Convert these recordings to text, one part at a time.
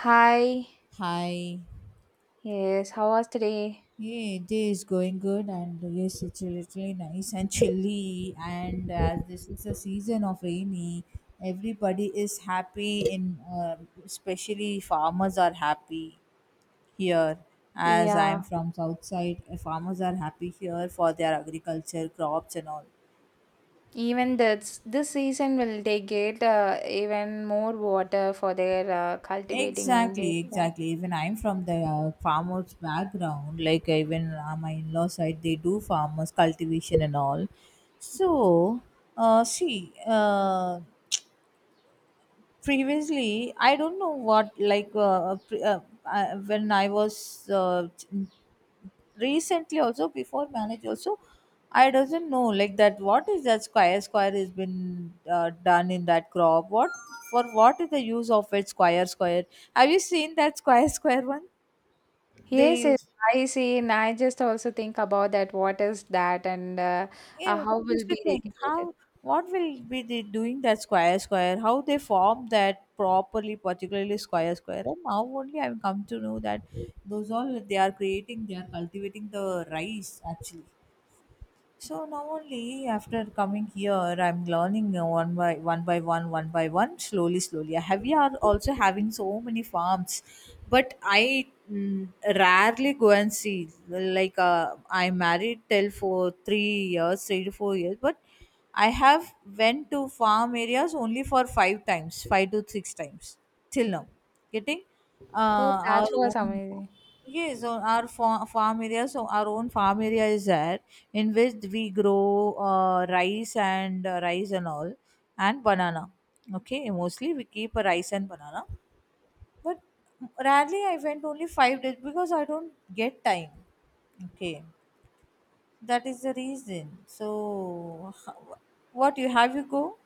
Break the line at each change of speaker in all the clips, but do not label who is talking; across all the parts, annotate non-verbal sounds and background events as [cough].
Hi.
Hi.
Yes, how was today?
Yeah, day is going good, and yes, it's literally nice and chilly. And as this is a season of rainy, everybody is happy. In Especially farmers are happy here. As I'm
Yeah,
from south side, farmers are happy here for their agriculture crops and all.
even this season will they get even more water for their cultivating their,
Exactly,
yeah.
exactly. Even I'm from the farmers background. Like even my in-law side, they do farmers cultivation and all. So, see, previously I don't know what like, when I was recently also before marriage also I doesn't know like that what is that square square has been done in that crop what for, what is the use of it? Square square, have you seen that square [laughs] square one they
Yes, yes,
used?
I see, and I just also think about that what is that and
Yeah,
how
I
will
used to
be
think
regulated.
how what will be they doing that square square, how they form that properly, particularly square square, and now only I've come to know that those all they are creating, they are cultivating the rice actually. So now only after coming here, I'm learning one by one by one, slowly, slowly. I have we are also having so many farms, but I rarely go and see. Like, I married till for 3 years, 3 to 4 years, but I have went to farm areas only for five times, five to six times till now. Getting
Oh,
uh, our
that was
own.
amazing.
Yes, so our farm area, so our own farm area is there in which we grow rice and rice and all and banana. Okay, mostly we keep a rice and banana, but rarely I went only 5 days because I don't get time. Okay, that is the reason. So, what you have, you go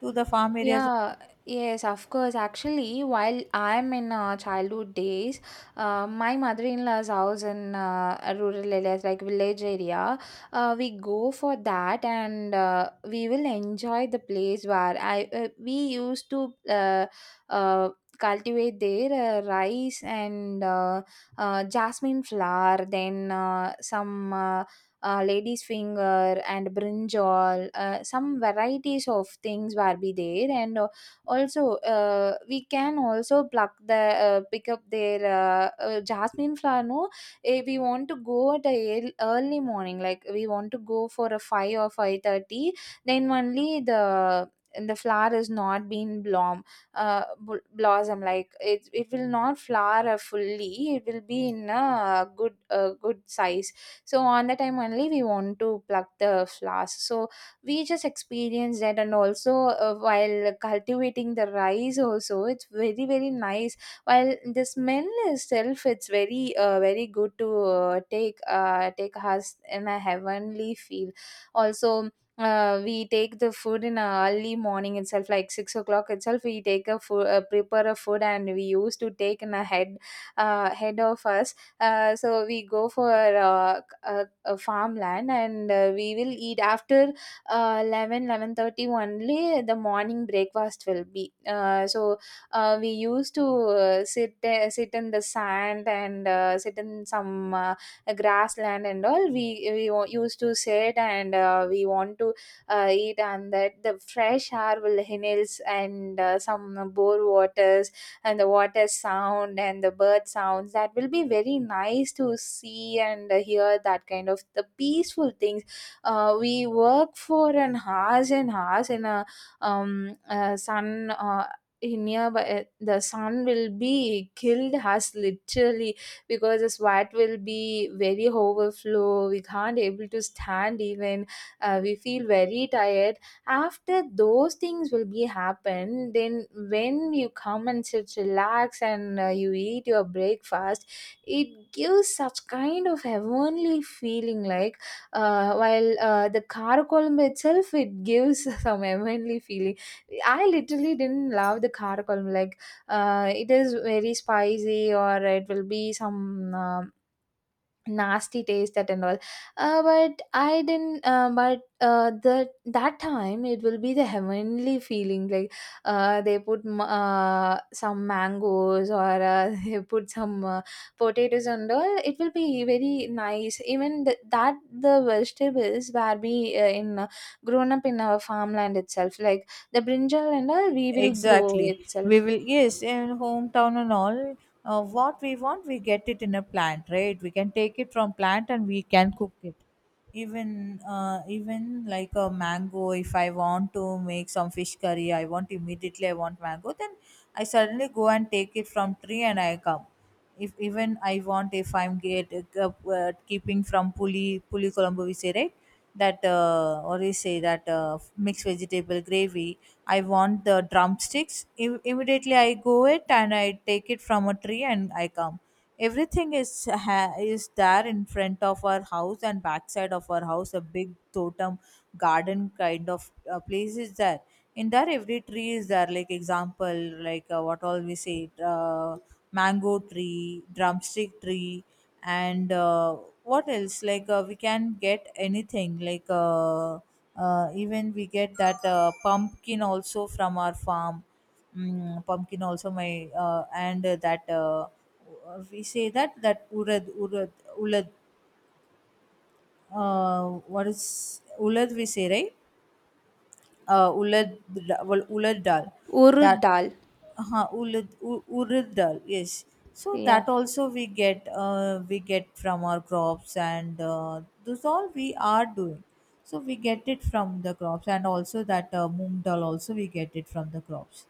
to the farm areas?
Yeah, yes, of course. Actually, while I'm in childhood days, my mother-in-law's house in a rural areas like village area, we go for that and we will enjoy the place where I we used to uh, cultivate their rice and jasmine flower, then some. Lady's finger and brinjal, some varieties of things will be there, and also we can also pluck the pick up their jasmine flower, no? We want to go at a early morning, like we want to go for a 5 or 5:30, then only the flower is not been bloom, blossom. Like it will not flower fully, it will be in a good size, so on the time only we want to pluck the flowers. So we just experience that, and also while cultivating the rice also it's very very nice, while the smell itself it's very very good to take us in a heavenly feel. Also we take the food in a early morning itself, like 6 o'clock itself we take a food, prepare a food, and we used to take in a head of us. So we go for farmland, and we will eat after 11, 11:30 only, the morning breakfast will be so. We used to sit in the sand, and sit in some grassland and all. We used to sit and we want to eat, and that the fresh air will inhales, and some bore water, and the water sound and the bird sounds, that will be very nice to see and hear, that kind of the peaceful things. We work for an hours and hours in a sun, in nearby, the sun will be killed us literally, because the sweat will be very overflow, we can't able to stand even. We feel very tired. After those things will be happen, then when you come and sit relax, and you eat your breakfast, it gives such kind of heavenly feeling, like while the karakolam itself it gives [laughs] some heavenly feeling. I literally didn't love the karakolam, like it is very spicy, or it will be some nasty taste that and all. But I didn't, but the that time it will be the heavenly feeling, like they put some mangoes, or [laughs] they put some potatoes and all, it will be very nice. Even that the vegetables were be in grown up in our farmland itself, like the brinjal and all we will grow
Exactly, we
itself.
will, yes, in hometown and all. What we want, we get it in a plant, right? We can take it from plant and we can cook it. Even like a mango, if I want to make some fish curry, I want immediately, I want mango, then I suddenly go and take it from tree and I come. If even I want, if I'm get, uh, keeping from puli, puli colombo we say, right? That, or we say that mixed vegetable gravy, I want the drumsticks. Immediately I go it and I take it from a tree and I come. Everything is is there in front of our house, and backside of our house a big totem garden kind of place is there. In there every tree is there, like example, like what all we say, mango tree, drumstick tree, and what else, like we can get anything, like, even we get that pumpkin also from our farm. Pumpkin also my and that we say that that urad urad ulad, uh, what is ulad we say, right? Ulad, well, ulad dal.
Urud
That
dal.
urad dal, yes. So
Yeah,
that also we get, we get from our crops, and those all we are doing. So we get it from the crops, and also that moong dal also we get it from the crops.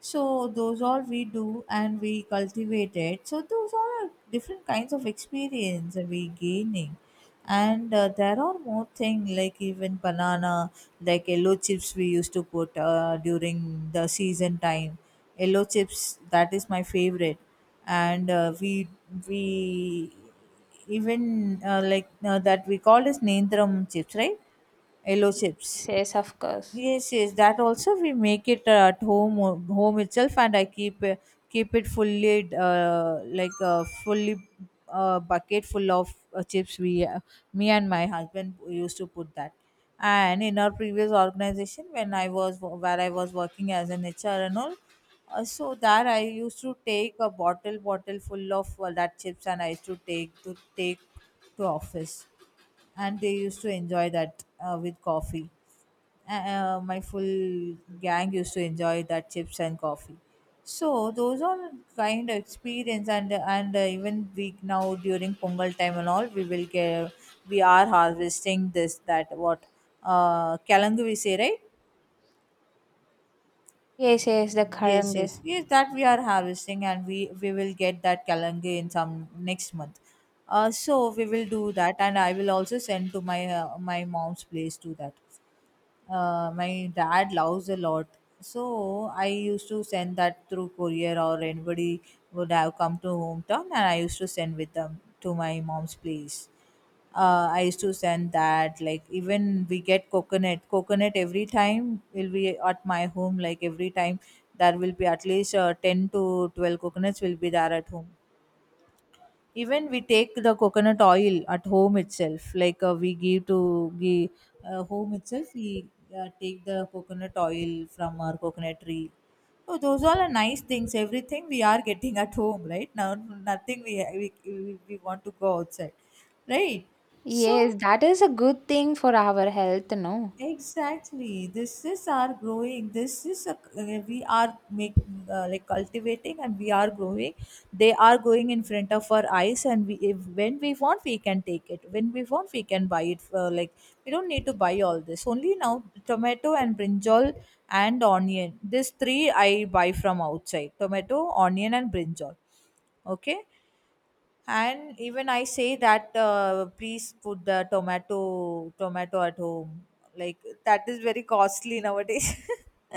So those all we do and we cultivate it. So those all are different kinds of experience that we gaining. And there are more things, like even banana, like yellow chips we used to put during the season time. Yellow chips, that is my favorite. And we even, that we call as Nendram chips, right? Yellow chips.
yes, yes, of course.
Yes, yes, that also we make it at home home itself, and I keep keep it fully like a fully bucket full of chips. We me and my husband used to put that. And in our previous organization, when I was where I was working as an HR and all, so that I used to take a bottle full of that chips, and I used to take to office, and they used to enjoy that with coffee. My full gang used to enjoy that chips and coffee. So those are kind of experience, and even we now during pongal time and all we will get, we are harvesting this, that what kalangu we say, right?
Yes, yes, the
Yes,
karangal.
yes, yes, that we are harvesting, and we will get that kalangi in some next month. So we will do that, and I will also send to my my mom's place to that. My dad loves a lot, so I used to send that through courier, or anybody would have come to hometown and I used to send with them to my mom's place. I used to send that. Like even we get coconut, coconut every time will be at my home, like every time there will be at least 10 to 12 coconuts will be there at home. Even we take the coconut oil at home itself, like we give home itself we take the coconut oil from our coconut tree. So those all are nice things, everything we are getting at home right now, nothing we we want to go outside, right? So
Yes, that is a good thing for our health, no?
Exactly. This is our growing. This is, we are make, like cultivating, and we are growing. They are going in front of our eyes, and we if, when we want we can take it, when we want we can buy it. For, like, we don't need to buy all this. Only now tomato and brinjal and onion. These three I buy from outside. Tomato, onion, and brinjal. Okay, and even I say that please put the tomato at home, like that is very costly nowadays.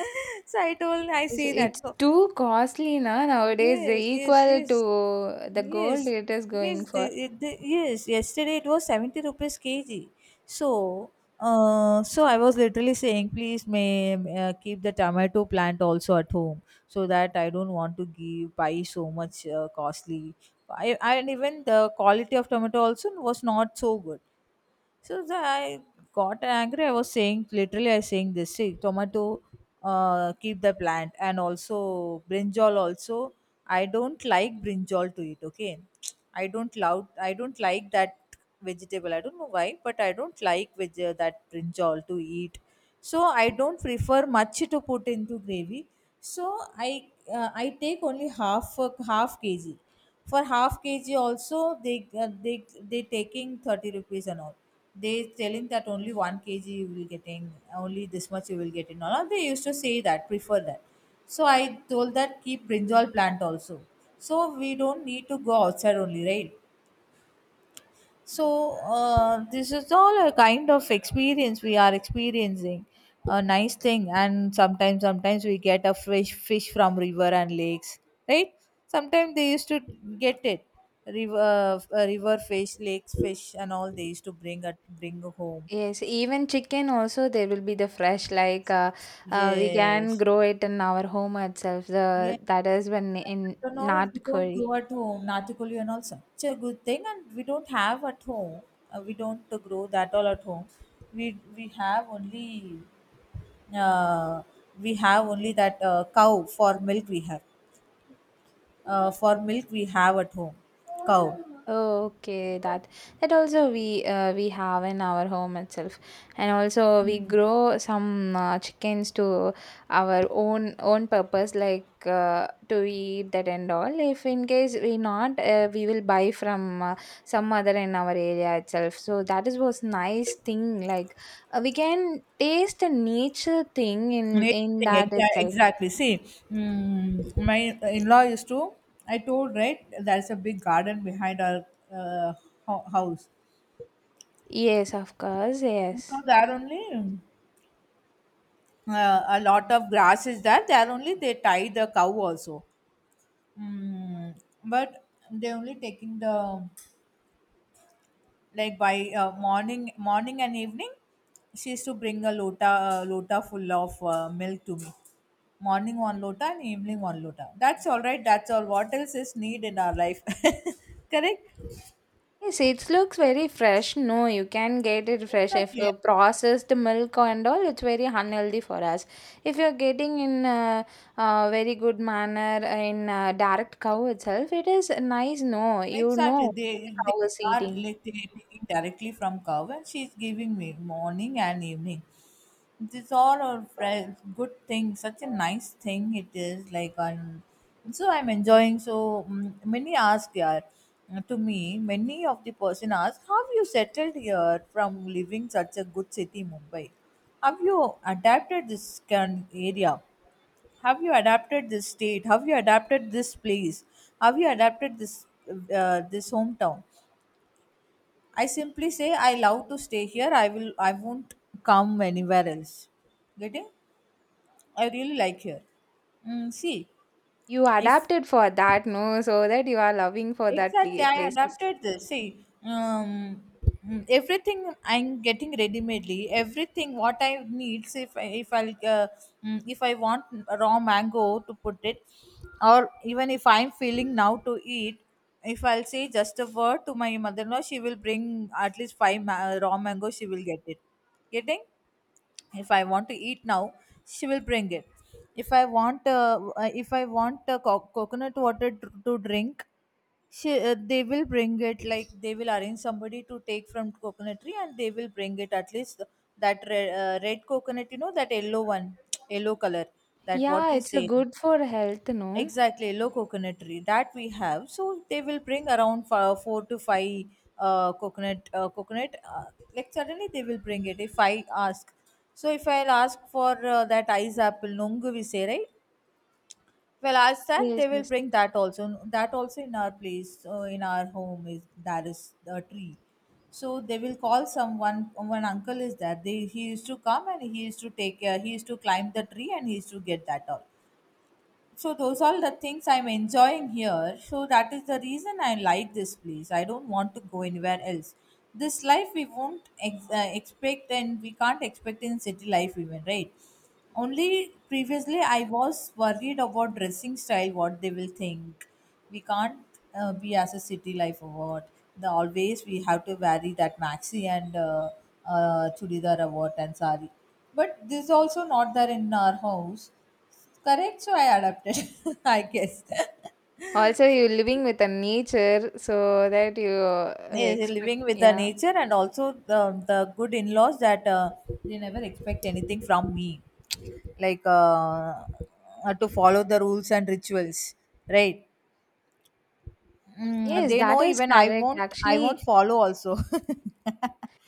[laughs] So I told, I
It's,
say
it's
that, no.
too costly na nowadays. The
Yes, yes,
equal
yes,
to the gold
yes,
it is
yes,
going for.
yes. Yesterday it was 70 rupees kg. So, so I was literally saying, please, may keep the tomato plant also at home, so that I don't want to give buy so much costly. I, and even the quality of tomato also was not so good. So, I got angry. I was saying literally, I was saying this: see, tomato, keep the plant, and also brinjal. Also, I don't like brinjal to eat. Okay, [tsk] I don't love, I don't like that vegetable. I don't know why, but I don't like that brinjal to eat. So I don't prefer much to put into gravy. So I I take only half kg. For half kg also they uh, they taking 30 rupees and all, they telling that only 1 kg you will getting, only this much you will get in all, they used to say that prefer that. So I told that keep brinjal plant also, so we don't need to go outside only, right? So, this is all a kind of experience we are experiencing. A nice thing, and sometimes, sometimes we get a fresh fish from river and lakes, right? Sometimes they used to get it, river, river fish, lakes fish, and all they used to bring home.
Yes, even chicken also there will be the fresh, like we can
Yes,
grow it in our home itself. The
yes.
that is when in
Ronald, we
not
don't
curry.
grow at home. Natikolian also such a good thing, and we don't have at home. We don't grow that all at home. We have only uh, we have only that cow for milk. We have for milk we have at home cow.
Oh, okay, that also we have in our home itself, and also we grow some chickens to our own own purpose, like to eat that and all. If in case we not, we will buy from some other in our area itself. So that is was nice thing. Like we can taste a nature thing in
Amazing thing,
that itself.
exactly. See, my in-law used to, I told right, there's a big garden behind our uh, house.
Yes, of course,
And so
yes.
there only, a lot of grass is there. They are only, they tie the cow also, mm, but they only taking the, like by morning, morning and evening, she used to bring a lota full of milk to me. Morning one lota and evening one lota. That's all right, that's all. What else is need in our life? [laughs] Correct.
Yes, it looks very fresh, no, you can get it fresh. If
Exactly.
you processed milk and all, it's very unhealthy for us. If you're getting in a very good manner in direct cow itself, it is nice, no, you
Exactly.
know
They
what the
they
cow is
are
eating.
like they taking directly from cow, and she's giving me morning and evening. These all are friends good thing, such a nice thing it is like. On so I'm enjoying so many ask, yeah, to me, many of the person ask, how you settled here from living such a good city, Mumbai? Have you adapted this can area? Have you adapted this state? Have you adapted this place? Have you adapted this this hometown? I simply say I love to stay here, I will, I won't come anywhere else. Getting? I really like here. See,
You
if
adapted for that, no, so that you are loving for that
Exactly, I
places.
adapted this. See, everything I'm getting ready-madely. Everything what I need, see, if I want raw mango to put it, or even if I'm feeling now to eat, if I'll say just a word to my mother-in-law, she will bring at least raw mango. She will get it. Getting? If I want to eat now, she will bring it. If I want coconut water to drink, they will bring it. Like they will arrange somebody to take from coconut tree and they will bring it, at least that red, red coconut, you know, that yellow one [tsk] yellow color, that what
Yeah,
we
it's a
say.
good for health, no.
Exactly, yellow coconut tree that we have, so they will bring around 4 to 5 coconut coconut like suddenly they will bring it if I ask. So if I'll ask for that ice apple nongu, we say, right? Well, as said,
Yes,
they will
yes.
bring that also. That also in our place, in our home is, that is a tree. So they will call someone. One uncle is there. They He used to come and he used to take. He used to climb the tree and he used to get that all. So those are the things I'm enjoying here, so that is the reason I like this place. I don't want to go anywhere else. This life we won't expect, and we can't expect in city life even, right? Only previously I was worried about dressing style, what they will think. We can't be as a city life or what. The Always we have to vary that maxi and chudidar or what, and sari, but this also not there in our house. Correct, so I adapted, [laughs] I guess. [laughs]
Also, you're living with the nature, so that you
Yeah,
expect,
living with the
yeah.
nature, and also the good in laws that they never expect anything from me, like uh, to follow the rules and rituals, right? Mm,
Yes,
they
that
know
is
even
correct.
I
Actually,
won't follow also.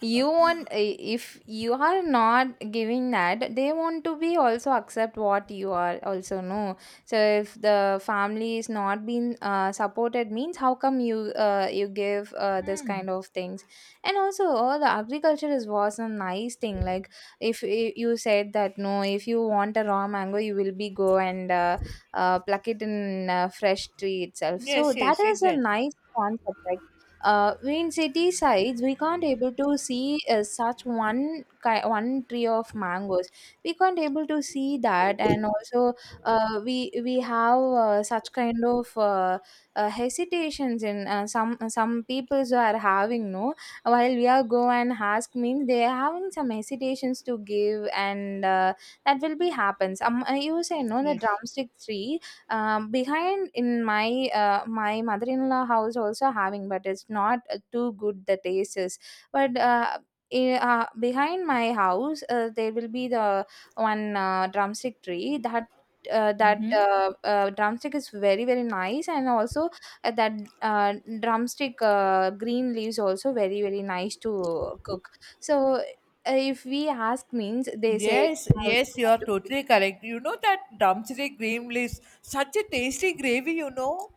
you want if you are not giving that, they want to be also accept what you are also know. So if the family is not being supported, means how come you you give this kind of things? And also, the agriculture is was a nice thing. Like if you said that, no, if you want a raw mango, you will be go and pluck it in fresh tree
[laughs]
itself. So
Yes,
that
yes,
is a
exactly.
nice concept, right? In city sides we can't able to see such one one tree of mangoes, we can't able to see that. And also we have such kind of hesitations in some peoples are having, no, while we are go and ask means they are having some hesitations to give. And that will be happens. You say, no, the
Yes.
drumstick tree behind in my my mother-in-law house also having, but it's not too good the taste is. But behind my house, there will be the one drumstick tree that drumstick is very very nice, and also that uh, drumstick green leaves also very very nice to cook. So if we ask means they say,
Yes,
"Oh, you
yes, you are
want to cook?"
totally correct. You know that Ramchuri green leaves, such a tasty gravy, you know.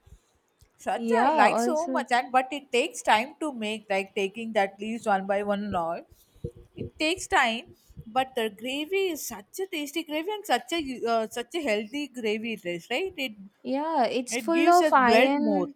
Shraddha, I
Yeah,
like so
also.
much, and but it takes time to make, like taking that leaves one by one and all. It takes time, but the gravy is such a tasty gravy and such a such a healthy gravy it is, right? It
Yeah, it's
it
full
gives
of
us blood more.
iron.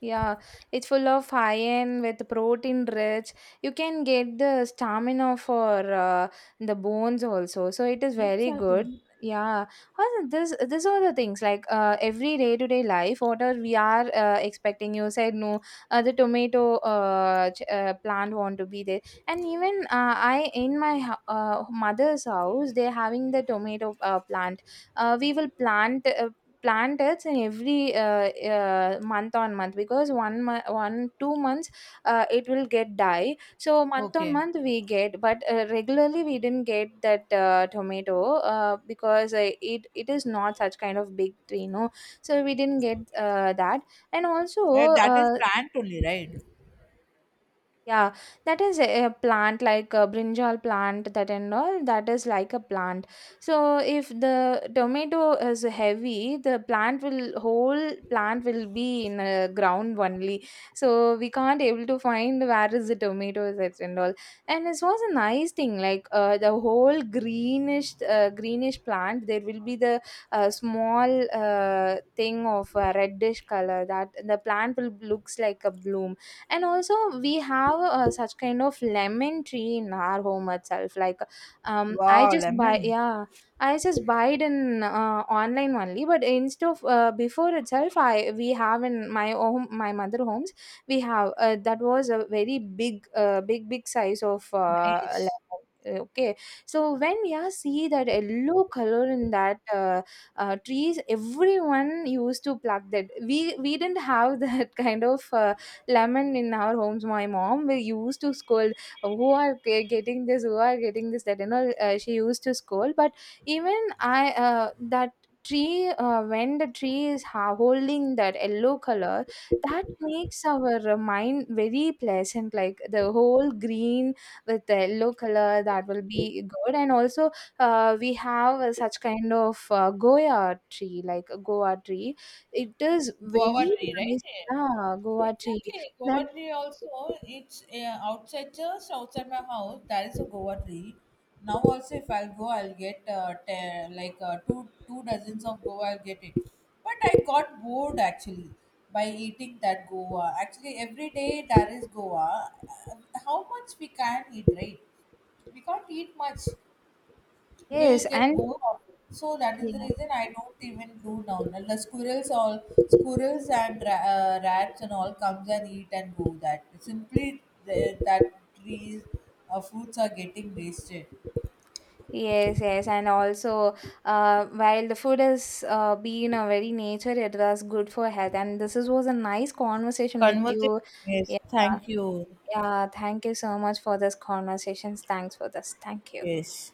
Yeah, it's full of iron with protein rich. You can get the stamina for the bones also. So it is very good.
Exactly.
Yeah, also this are the things, like every day to day life. What are we are expecting? You said, no. The tomato plant want to be there, and even I in my mother's house, they're having the tomato plant. We will planted in every month on month, because 1, 2 months it will get die, so month on
Okay.
month we get, but regularly we didn't get that tomato, because it is not such kind of big tree, no. So we didn't get that. And also,
That is
uh,
plant only, right?
yeah, that is a plant, like a brinjal plant that and all, that is like a plant. So if the tomato is heavy, the plant will whole plant will be in a ground only. So we can't able to find where is the tomato, that and all. And it was a nice thing, like the whole greenish greenish plant, there will be the small thing of reddish color, that the plant will looks like a bloom. And also we have such kind of lemon tree in our home itself. Like um i
Wow,
just buy
lemon,
yeah I just buy it in online only, but instead of before itself, I we have in my home, my mother homes, we have that was a very big big big size of lemon.
nice.
Okay, so when we are see that yellow color in that trees, everyone used to pluck that. We didn't have [laughs] that kind of lemon in our homes. My mom will used to scold, who are getting this, who are getting this, that, she used to scold. But even I, that tree, when the tree is holding that yellow color, that makes our mind very pleasant. Like the whole green with the yellow color, that will be good. And also, we have such kind of goya tree, like a goa tree. It is
Guava
very
tree, right?
nice. Yeah, goa tree.
Exactly,
That,
guava tree also. It's outside, just outside my house. There is a guava tree. Now also, if I'll go, I'll get two dozens of guava. I'll get it. But I got bored actually by eating that guava. Actually, every day there is guava. How much we can eat, right? We can't eat much, will
yes,
get
and
bored of it. So that is the
yeah,
reason I don't even do down. And the squirrels all, squirrels and rats and all comes and eat and go. That simply the, that trees fruits are getting wasted.
yes, yes, and also, while the food is being a very nature, it was good for health, and this is, was a nice conversation with
Conversation.
you.
Yes.
Yeah,
Thank you.
yeah. Thank you so much for this conversations. Thanks for this. Thank you.
Yes.